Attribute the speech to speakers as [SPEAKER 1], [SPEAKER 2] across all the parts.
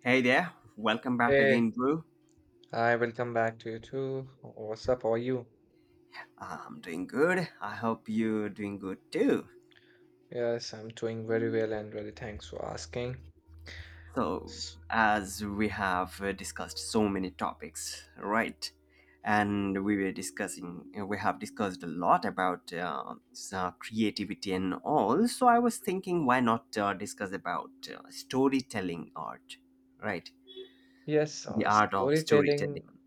[SPEAKER 1] Hey there, welcome back
[SPEAKER 2] Hey,
[SPEAKER 1] again, Drew.
[SPEAKER 2] hi, welcome back to you too. What's up? How are you?
[SPEAKER 1] I'm doing good. I hope you're doing good too.
[SPEAKER 2] Yes, I'm doing very well and really thanks for asking.
[SPEAKER 1] So,
[SPEAKER 2] S-
[SPEAKER 1] as we have discussed so many topics, right? And we were discussing, we have discussed a lot about creativity and all. So, I was thinking, why not discuss about storytelling art, right?
[SPEAKER 2] Yes,
[SPEAKER 1] The art of
[SPEAKER 2] storytelling.
[SPEAKER 1] storytelling.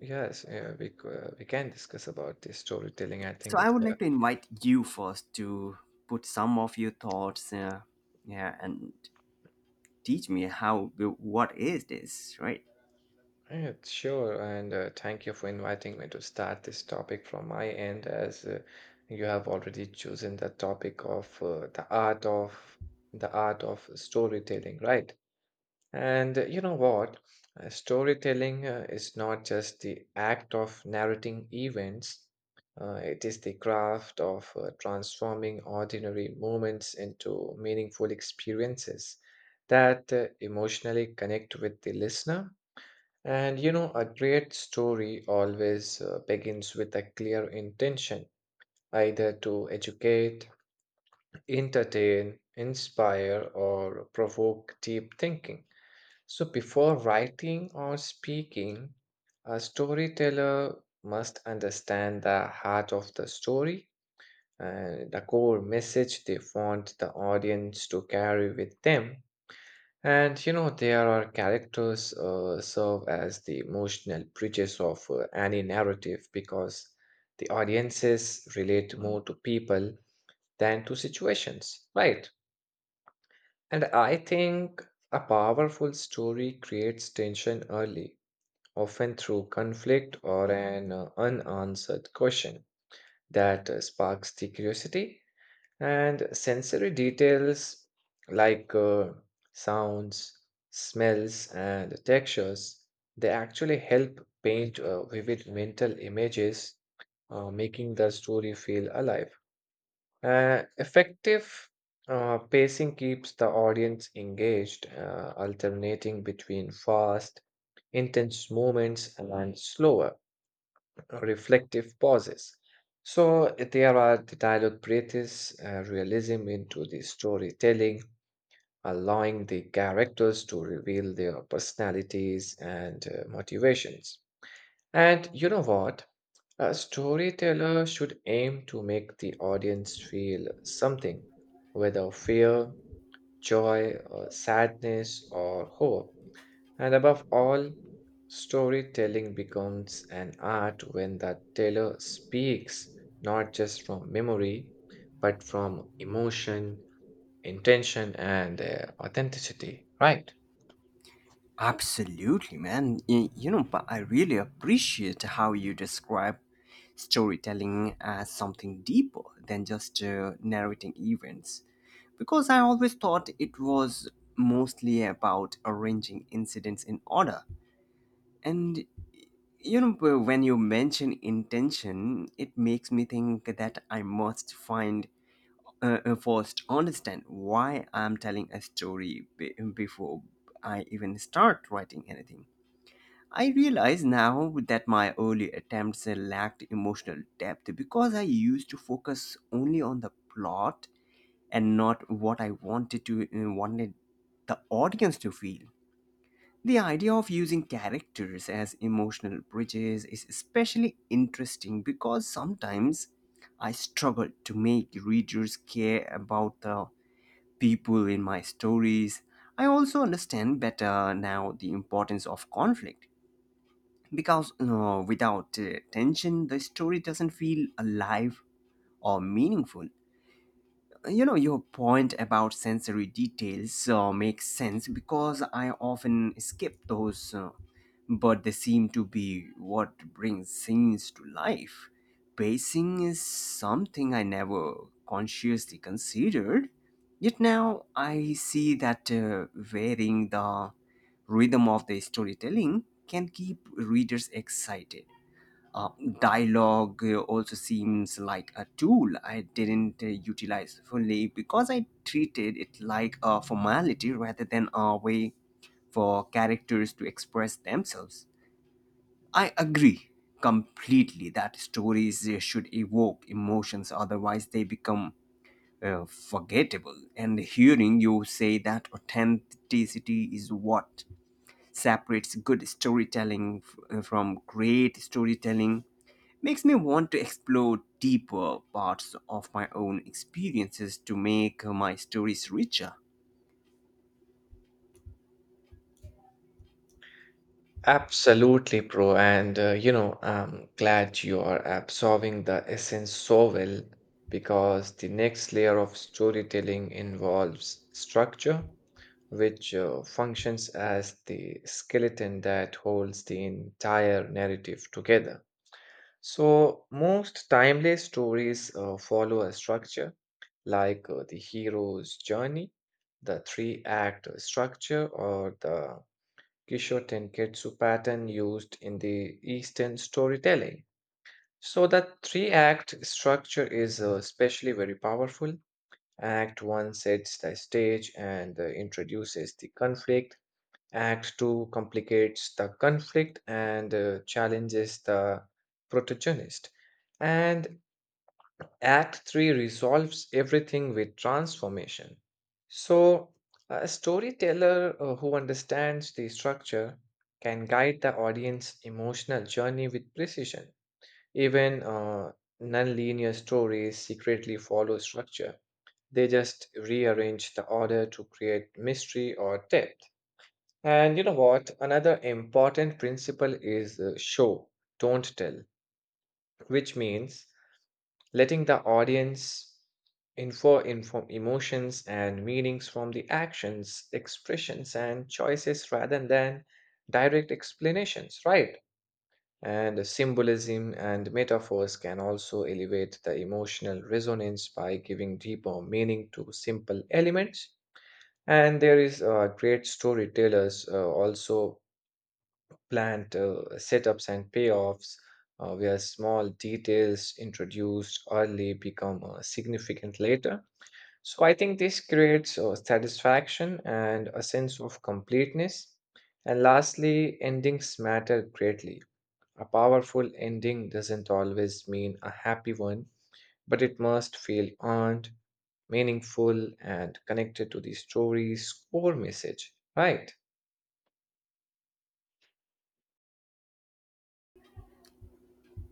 [SPEAKER 2] Yes, yeah, we can discuss about the storytelling. I
[SPEAKER 1] So,
[SPEAKER 2] think
[SPEAKER 1] I
[SPEAKER 2] it's
[SPEAKER 1] would
[SPEAKER 2] a
[SPEAKER 1] like to invite you first to put some of your thoughts. Yeah and teach me how, what is this, right?
[SPEAKER 2] Yeah, sure, and thank you for inviting me to start this topic from my end, as you have already chosen the topic of the art of storytelling, right? And you know what? Storytelling is not just the act of narrating events. It is the craft of transforming ordinary moments into meaningful experiences that emotionally connect with the listener, and you know, a great story always begins with a clear intention, either to educate, entertain, inspire, or provoke deep thinking. So, before writing or speaking, a storyteller must understand the heart of the story and the core message they want the audience to carry with them. And you know, there are characters serve as the emotional bridges of any narrative, because the audiences relate more to people than to situations, right? And I think a powerful story creates tension early, often through conflict or an unanswered question that sparks the curiosity, and sensory details like sounds, smells, and textures, they actually help paint vivid mental images, making the story feel alive. Effective pacing keeps the audience engaged, alternating between fast, intense moments and slower reflective pauses. So there are the dialogue breathes realism into the storytelling, allowing the characters to reveal their personalities and motivations. And you know what? A storyteller should aim to make the audience feel something, whether fear, joy, or sadness, or hope. And above all, storytelling becomes an art when the teller speaks not just from memory, but from emotion, intention, and authenticity, right?
[SPEAKER 1] Absolutely, man. You know, but I really appreciate how you describe storytelling as something deeper than just narrating events, because I always thought it was mostly about arranging incidents in order. And you know, when you mention intention, it makes me think that I must find, first understand why I'm telling a story before I even start writing anything. I realize now that my early attempts lacked emotional depth because I used to focus only on the plot and not what I wanted to wanted the audience to feel. The idea of using characters as emotional bridges is especially interesting because sometimes I struggle to make readers care about the people in my stories. I also understand better now the importance of conflict because you know, without tension, the story doesn't feel alive or meaningful. You know, your point about sensory details makes sense because I often skip those, but they seem to be what brings scenes to life. Pacing is something I never consciously considered, yet now I see that varying the rhythm of the storytelling can keep readers excited. Uh, dialogue uh, also seems like a tool I didn't utilize fully because I treated it like a formality rather than a way for characters to express themselves. I agree completely that stories should evoke emotions, otherwise, they become forgettable. And hearing you say that authenticity is what separates good storytelling from great storytelling makes me want to explore deeper parts of my own experiences to make my stories richer.
[SPEAKER 2] Absolutely, bro. And you know, I'm glad you are absorbing the essence so well, because the next layer of storytelling involves structure, which functions as the skeleton that holds the entire narrative together. So, most timeless stories follow a structure like the hero's journey, the three act structure, or the Kisho Tenketsu pattern used in the Eastern storytelling. So the three-act structure is especially very powerful. Act 1 sets the stage and introduces the conflict. Act 2 complicates the conflict and challenges the protagonist. And Act 3 resolves everything with transformation. So, a storyteller who understands the structure can guide the audience emotional journey with precision. Even non-linear stories secretly follow structure. They just rearrange the order to create mystery or depth. And you know what? Another important principle is show, don't tell, which means letting the audience infer inform emotions and meanings from the actions, expressions, and choices rather than direct explanations, right? And symbolism and metaphors can also elevate the emotional resonance by giving deeper meaning to simple elements. And there is great storytellers also plant setups and payoffs, where small details introduced early become significant later. So I think this creates satisfaction and a sense of completeness. And lastly, endings matter greatly. A powerful ending doesn't always mean a happy one, but it must feel earned, meaningful, and connected to the story's core message, right?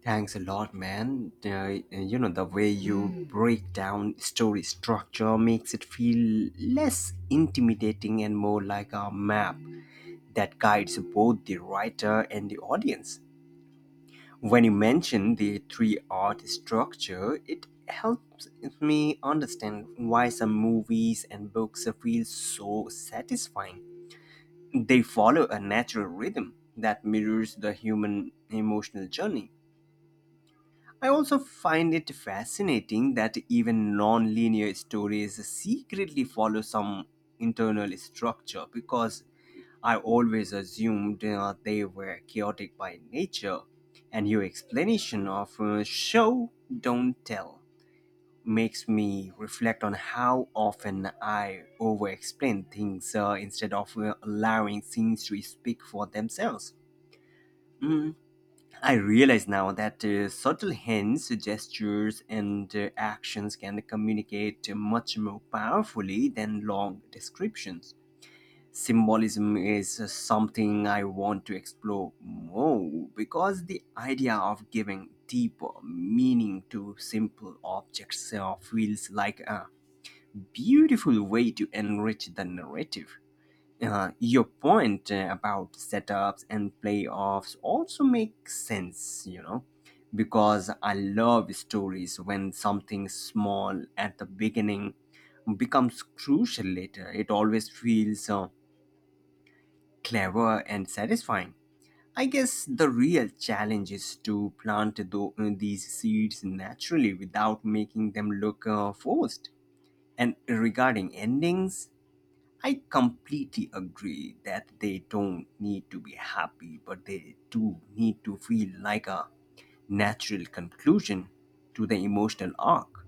[SPEAKER 1] Thanks a lot, man. You know, the way you break down story structure makes it feel less intimidating and more like a map that guides both the writer and the audience. When you mention the three art structure, it helps me understand why some movies and books feel so satisfying. They follow a natural rhythm that mirrors the human emotional journey. I also find it fascinating that even non linear stories secretly follow some internal structure because I always assumed they were chaotic by nature. And your explanation of show, don't tell makes me reflect on how often I over explain things instead of allowing things to speak for themselves. Mm, I realize now that subtle hints, gestures, and actions can communicate much more powerfully than long descriptions. Symbolism is something I want to explore more because the idea of giving deeper meaning to simple objects feels like a beautiful way to enrich the narrative. Your point about setups and playoffs also makes sense, because I love stories when something small at the beginning becomes crucial later. It always feels clever and satisfying. I guess the real challenge is to plant these seeds naturally without making them look forced. And regarding endings, I completely agree that they don't need to be happy, but they do need to feel like a natural conclusion to the emotional arc.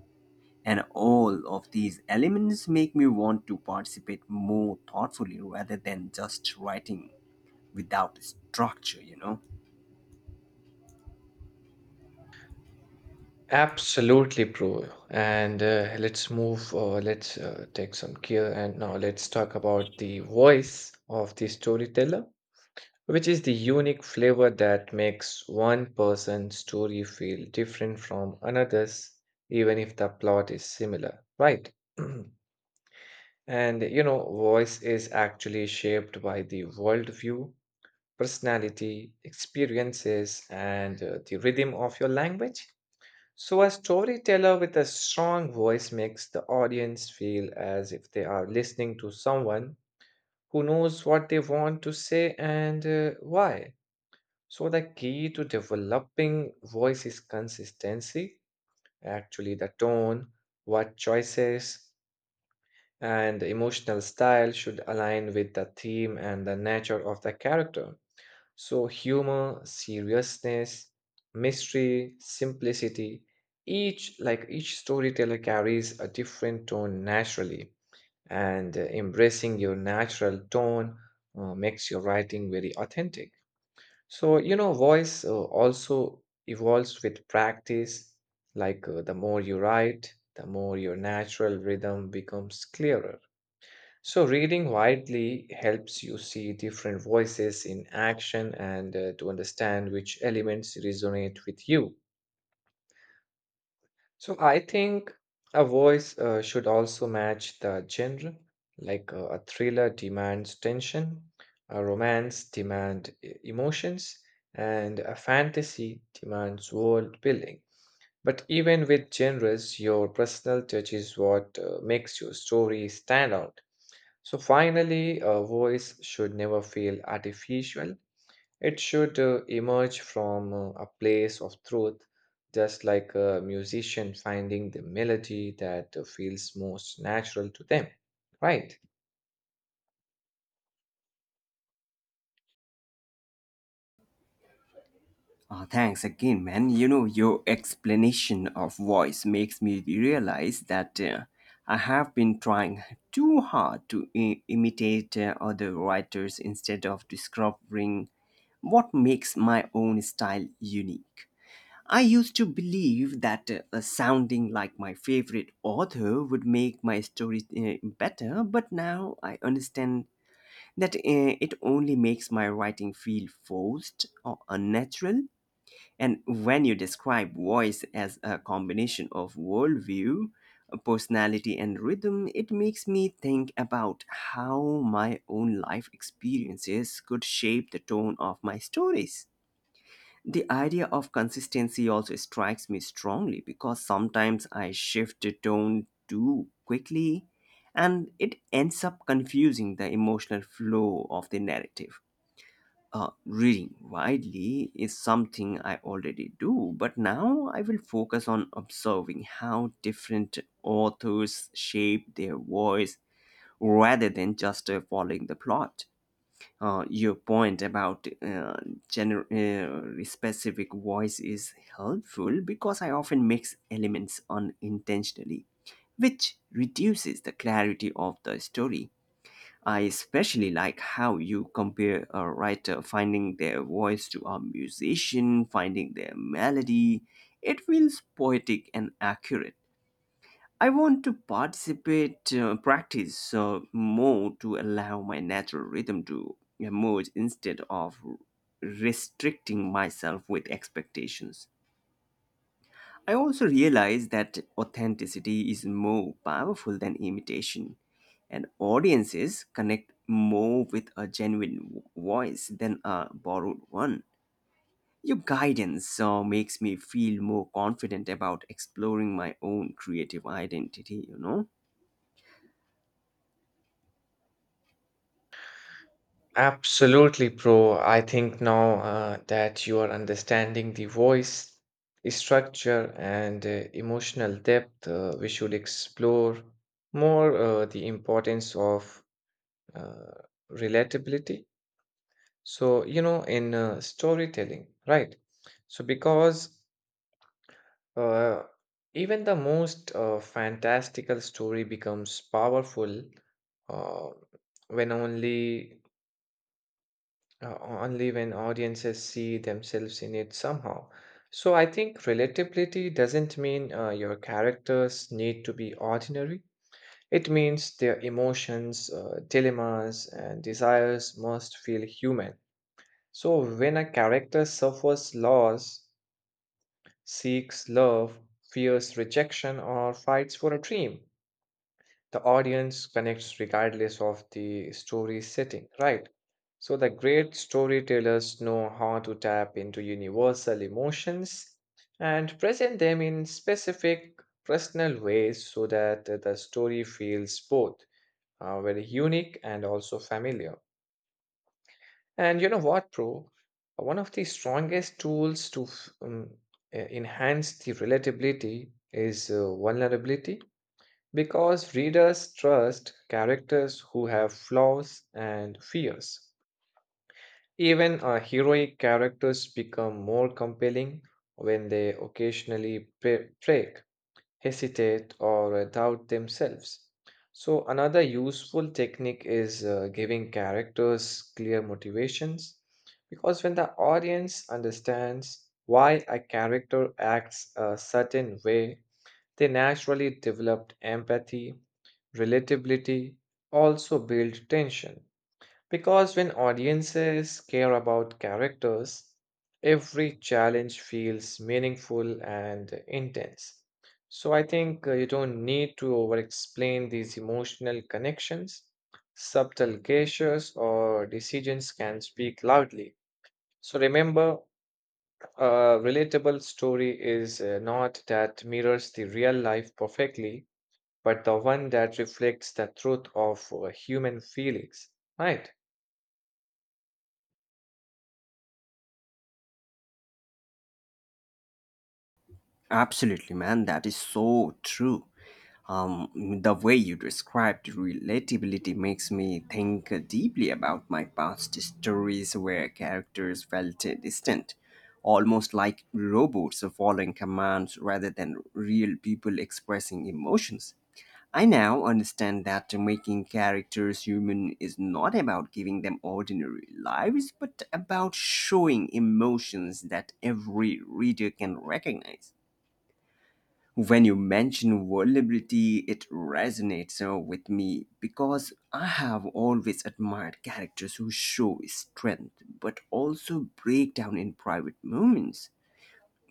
[SPEAKER 1] And all of these elements make me want to participate more thoughtfully rather than just writing without structure.
[SPEAKER 2] Absolutely, bro. And let's move or let's take some care. And now let's talk about the voice of the storyteller, which is the unique flavor that makes one person's story feel different from another's, even if the plot is similar, right? And you know, voice is actually shaped by the worldview, personality, experiences, and the rhythm of your language. So, a storyteller with a strong voice makes the audience feel as if they are listening to someone who knows what they want to say and why. So, the key to developing voice is consistency, actually, the tone, what choices, and the emotional style should align with the theme and the nature of the character. So, humor, seriousness, mystery, simplicity, each storyteller carries a different tone naturally, and embracing your natural tone makes your writing very authentic. So, you know, voice also evolves with practice. Like the more you write, the more your natural rhythm becomes clearer. So, reading widely helps you see different voices in action and to understand which elements resonate with you. So, I think a voice should also match the genre, like a thriller demands tension, a romance demands emotions, and a fantasy demands world building. But even with genres, your personal touch is what makes your story stand out. So finally, a voice should never feel artificial. It should emerge from a place of truth, just like a musician finding the melody that feels most natural to them. Right.
[SPEAKER 1] Thanks again, man. You know, your explanation of voice makes me realize that I have been trying too hard to imitate other writers instead of discovering what makes my own style unique. I used to believe that sounding like my favorite author would make my stories better, but now I understand that it only makes my writing feel forced or unnatural. And when you describe voice as a combination of worldview, personality, and rhythm, it makes me think about how my own life experiences could shape the tone of my stories. The idea of consistency also strikes me strongly because sometimes I shift the tone too quickly and it ends up confusing the emotional flow of the narrative. Reading widely is something I already do, but now I will focus on observing how different authors shape their voice rather than just following the plot. Your point about specific voice is helpful because I often mix elements unintentionally, which reduces the clarity of the story. I especially like how you compare a writer finding their voice to a musician finding their melody. It feels poetic and accurate. I want to practice more to allow my natural rhythm to emerge instead of restricting myself with expectations. I also realize that authenticity is more powerful than imitation, and audiences connect more with a genuine voice than a borrowed one. Your guidance makes me feel more confident about exploring my own creative identity, you know?
[SPEAKER 2] Absolutely, bro. I think now that you are understanding the voice structure and emotional depth, we should explore more the importance of uh, relatability, so you know, in storytelling, right? So because uh, even the most fantastical story becomes powerful uh, when only only when audiences see themselves in it somehow. So I think relatability doesn't mean your characters need to be ordinary. It means their emotions, dilemmas and desires must feel human. So, when a character suffers loss, seeks love, fears rejection, or fights for a dream, the audience connects regardless of the story setting, right? So, the great storytellers know how to tap into universal emotions and present them in specific, personal ways so that the story feels both very unique and also familiar. And you know what, bro? One of the strongest tools to enhance the relatability is vulnerability, because readers trust characters who have flaws and fears. Even heroic characters become more compelling when they occasionally break, hesitate, or doubt themselves. So, another useful technique is giving characters clear motivations, because when the audience understands why a character acts a certain way, they naturally develop empathy, relatability, also build tension. Because when audiences care about characters, every challenge feels meaningful and intense. So I think you don't need to over explain these emotional connections. Subtle gestures or decisions can speak loudly. So remember, a relatable story is not that mirrors the real life perfectly, but the one that reflects the truth of human feelings, right?
[SPEAKER 1] Absolutely, man. That is so true. The way you described relatability makes me think deeply about my past stories where characters felt distant, almost like robots following commands rather than real people expressing emotions. I now understand that making characters human is not about giving them ordinary lives, but about showing emotions that every reader can recognize. When you mention vulnerability, it resonates with me because I have always admired characters who show strength but also break down in private moments.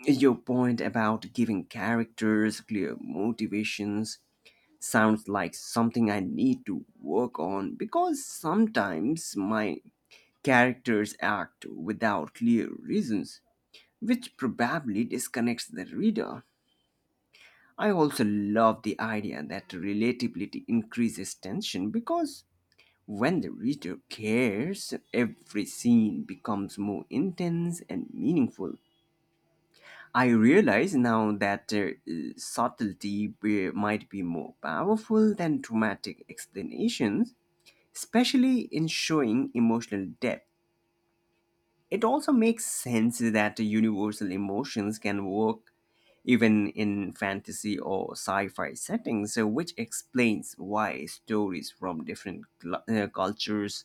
[SPEAKER 1] Your point about giving characters clear motivations sounds like something I need to work on because sometimes my characters act without clear reasons, which probably disconnects the reader. I also love the idea that relatability increases tension because when the reader cares, every scene becomes more intense and meaningful. I realize now that subtlety might be more powerful than dramatic explanations, especially in showing emotional depth. It also makes sense that universal emotions can work even in fantasy or sci fi settings, so which explains why stories from different cultures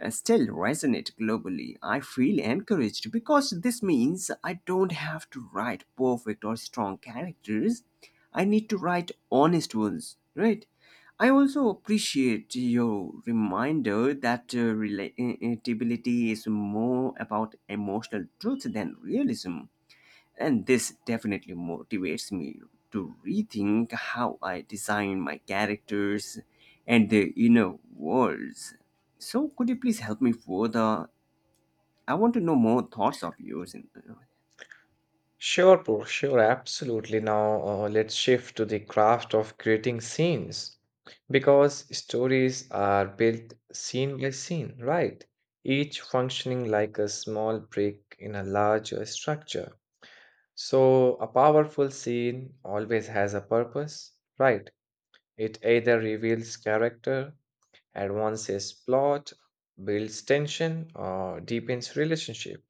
[SPEAKER 1] still resonate globally. I feel encouraged because this means I don't have to write perfect or strong characters. I need to write honest ones, right? I also appreciate your reminder that relatability is more about emotional truth than realism. And this definitely motivates me to rethink how I design my characters and their inner worlds. So, could you please help me further? I want to know more thoughts of yours. In
[SPEAKER 2] Sure, bro, sure, absolutely. Now, let's shift to the craft of creating scenes, because stories are built scene by scene, right? Each functioning like a small brick in a larger structure. So, a powerful scene always has a purpose, right? It either reveals character, advances plot, builds tension, or deepens relationship.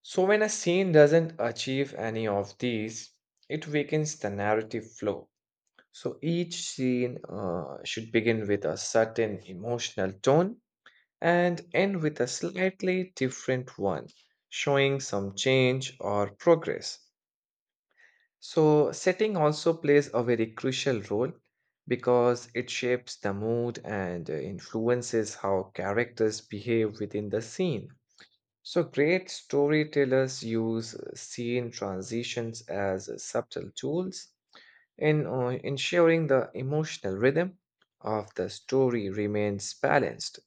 [SPEAKER 2] So, when a scene doesn't achieve any of these, it weakens the narrative flow. So, each scene should begin with a certain emotional tone and end with a slightly different one, showing some change or progress. So, setting also plays a very crucial role, because it shapes the mood and influences how characters behave within the scene. So, great storytellers use scene transitions as subtle tools in ensuring the emotional rhythm of the story remains balanced.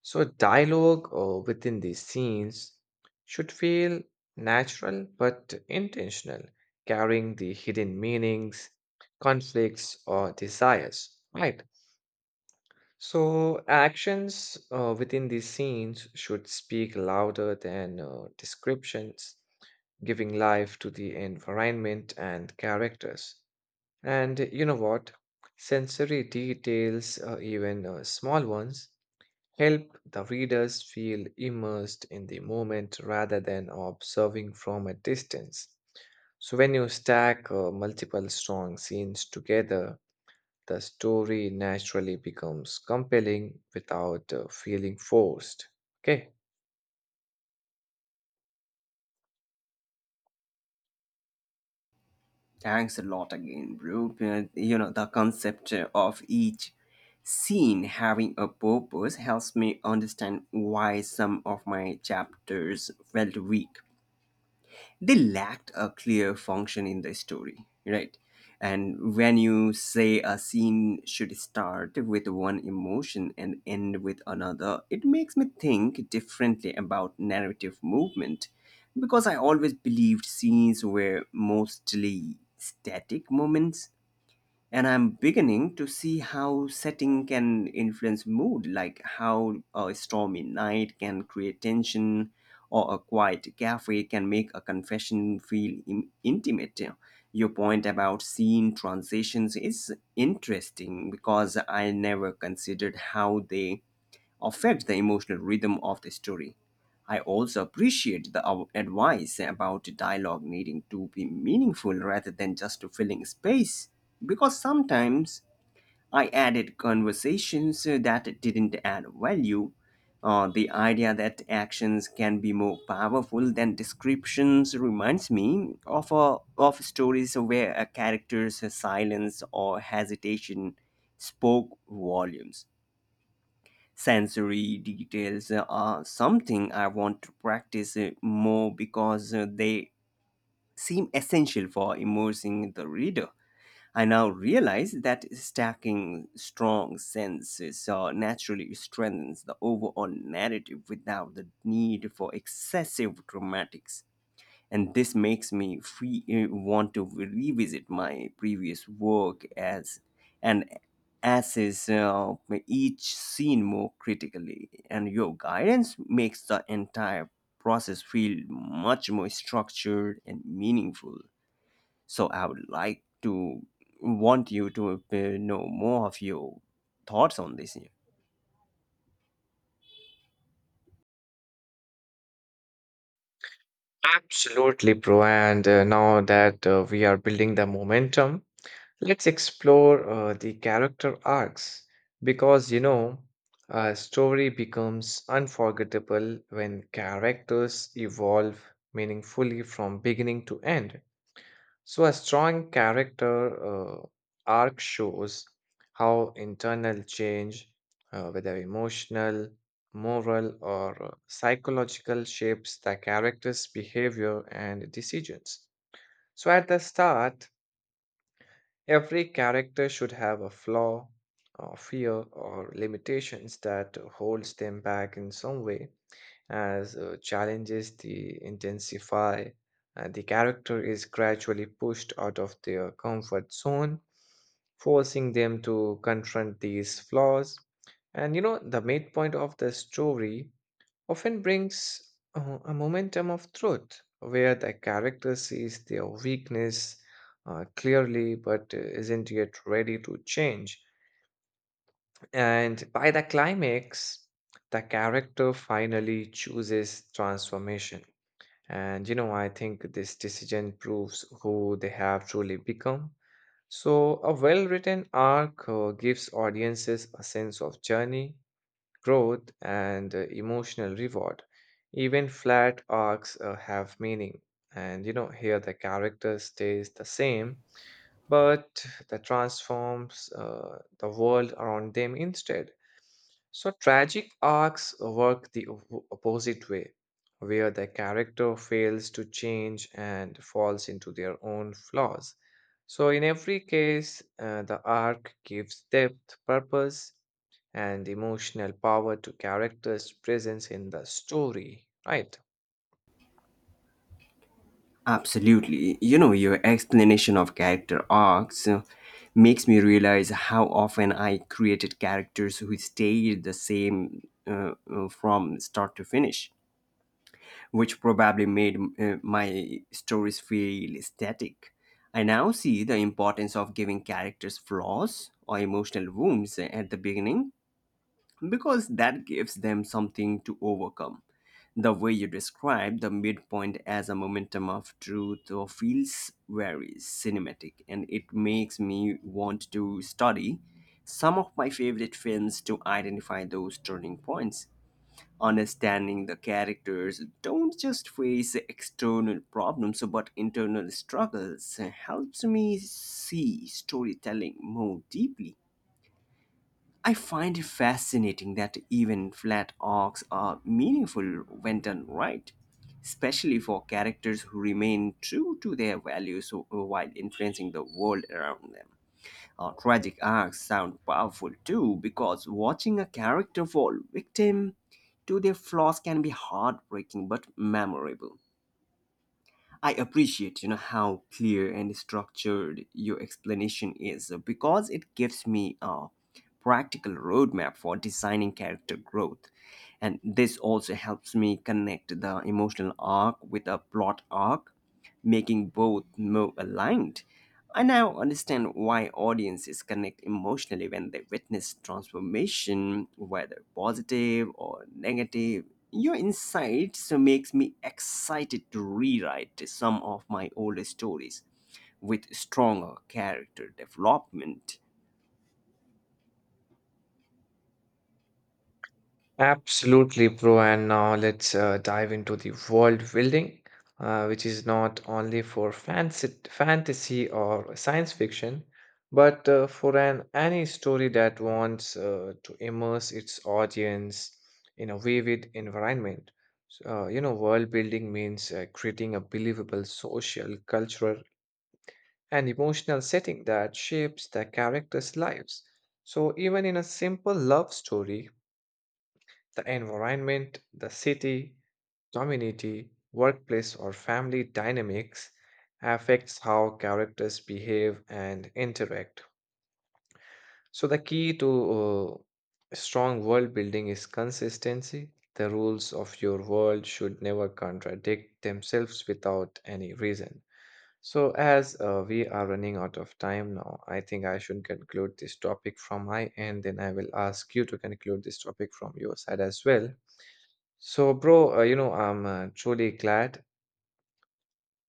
[SPEAKER 2] So, dialogue within these scenes should feel natural but intentional, carrying the hidden meanings, conflicts, or desires, right? So, actions within these scenes should speak louder than descriptions, giving life to the environment and characters. And you know what? Sensory details, even small ones, help the readers feel immersed in the moment rather than observing from a distance. So, when you stack multiple strong scenes together, the story naturally becomes compelling without feeling forced. Okay.
[SPEAKER 1] Thanks a lot again, bro. You know, the concept of each scene having a purpose helps me understand why some of my chapters felt weak, they lacked a clear function in the story, right? And when you say a scene should start with one emotion and end with another, it makes me think differently about narrative movement because I always believed scenes were mostly static moments. And I'm beginning to see how setting can influence mood, like how a stormy night can create tension or a quiet cafe can make a confession feel intimate. Your point about scene transitions is interesting because I never considered how they affect the emotional rhythm of the story. I also appreciate the advice about dialogue needing to be meaningful rather than just filling space, because sometimes I added conversations that didn't add value. The idea that actions can be more powerful than descriptions reminds me of stories where a character's silence or hesitation spoke volumes. Sensory details are something I want to practice more because they seem essential for immersing the reader. I now realize that stacking strong senses naturally strengthens the overall narrative without the need for excessive dramatics, and this makes me want to revisit my previous work as and assess each scene more critically. And your guidance makes the entire process feel much more structured and meaningful. So I would like to want you to know more of your thoughts on this, yeah.
[SPEAKER 2] Absolutely, Pro. And now that we are building the momentum, let's explore the character arcs, because you know, a story becomes unforgettable when characters evolve meaningfully from beginning to end. So, a strong character arc shows how internal change, whether emotional, moral, or psychological, shapes the character's behavior and decisions. So, at the start, every character should have a flaw, or fear, or limitations that holds them back in some way, as challenges the intensify and the character is gradually pushed out of their comfort zone, forcing them to confront these flaws. And you know, the midpoint of the story often brings a momentum of truth, where the character sees their weakness clearly, but isn't yet ready to change. And by the climax, the character finally chooses transformation. And you know, I think this decision proves who they have truly become. So, a well written arc gives audiences a sense of journey, growth, and emotional reward. Even flat arcs have meaning. And you know, here the character stays the same, but the transforms the world around them instead. So tragic arcs work the opposite way, where the character fails to change and falls into their own flaws. So in every case, the arc gives depth, purpose, and emotional power to characters' presence in the story, right?
[SPEAKER 1] Absolutely. You know, your explanation of character arcs makes me realize how often I created characters who stayed the same from start to finish, which probably made my stories feel static. I now see the importance of giving characters flaws or emotional wounds at the beginning because that gives them something to overcome. The way you describe the midpoint as a momentum of truth or feels very cinematic, and it makes me want to study some of my favorite films to identify those turning points. Understanding the characters don't just face external problems but internal struggles helps me see storytelling more deeply. I find it fascinating that even flat arcs are meaningful when done right, especially for characters who remain true to their values while influencing the world around them. Tragic arcs sound powerful too because watching a character fall victim to their flaws can be heartbreaking but memorable. I appreciate, you know, how clear and structured your explanation is because it gives me a practical roadmap for designing character growth. And this also helps me connect the emotional arc with a plot arc, making both more aligned. I now understand why audiences connect emotionally when they witness transformation, whether positive or negative. Your insights makes me excited to rewrite some of my older stories with stronger character development.
[SPEAKER 2] Absolutely, bro. And now let's dive into the world building, which is not only for fancy, fantasy or science fiction, but for an any story that wants to immerse its audience in a vivid environment. You know, world building means creating a believable social, cultural, and emotional setting that shapes the characters' lives. So even in a simple love story, the environment, the city, community, workplace, or family dynamics affects how characters behave and interact. So, the key to strong world building is consistency. The rules of your world should never contradict themselves without any reason. So, as we are running out of time now, I think I should conclude this topic from my end. Then I will ask you to conclude this topic from your side as well. So, bro, you know, I'm truly glad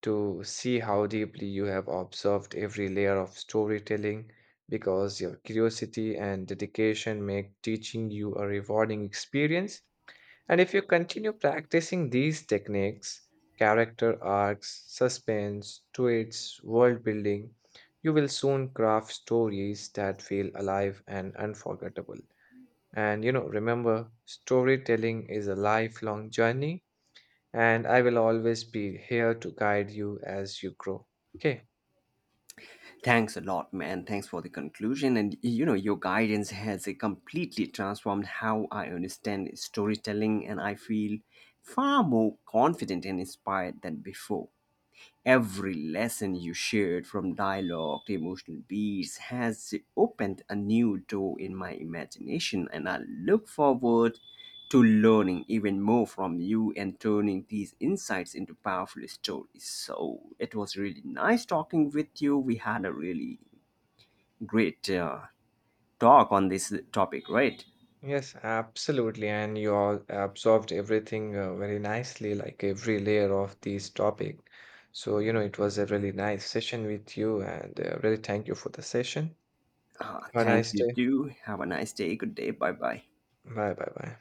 [SPEAKER 2] to see how deeply you have observed every layer of storytelling, because your curiosity and dedication make teaching you a rewarding experience. And if you continue practicing these techniques, character arcs, suspense, twists, world building, you will soon craft stories that feel alive and unforgettable. And you know, remember, storytelling is a lifelong journey, and I will always be here to guide you as you grow. Okay.
[SPEAKER 1] Thanks a lot, man. Thanks for the conclusion. And you know, your guidance has completely transformed how I understand storytelling, and I feel far more confident and inspired than before. Every lesson you shared, from dialogue to emotional beats, has opened a new door in my imagination, and I look forward to learning even more from you and turning these insights into powerful stories. So it was really nice talking with you. We had a really great talk on this topic, right?
[SPEAKER 2] Yes, absolutely. And you all absorbed everything very nicely, like every layer of this topic. So, you know, it was a really nice session with you, and really thank you for the session. Have a
[SPEAKER 1] Thank
[SPEAKER 2] nice
[SPEAKER 1] you,
[SPEAKER 2] day.
[SPEAKER 1] too. Have a nice day. Good day. Bye bye.
[SPEAKER 2] Bye bye bye.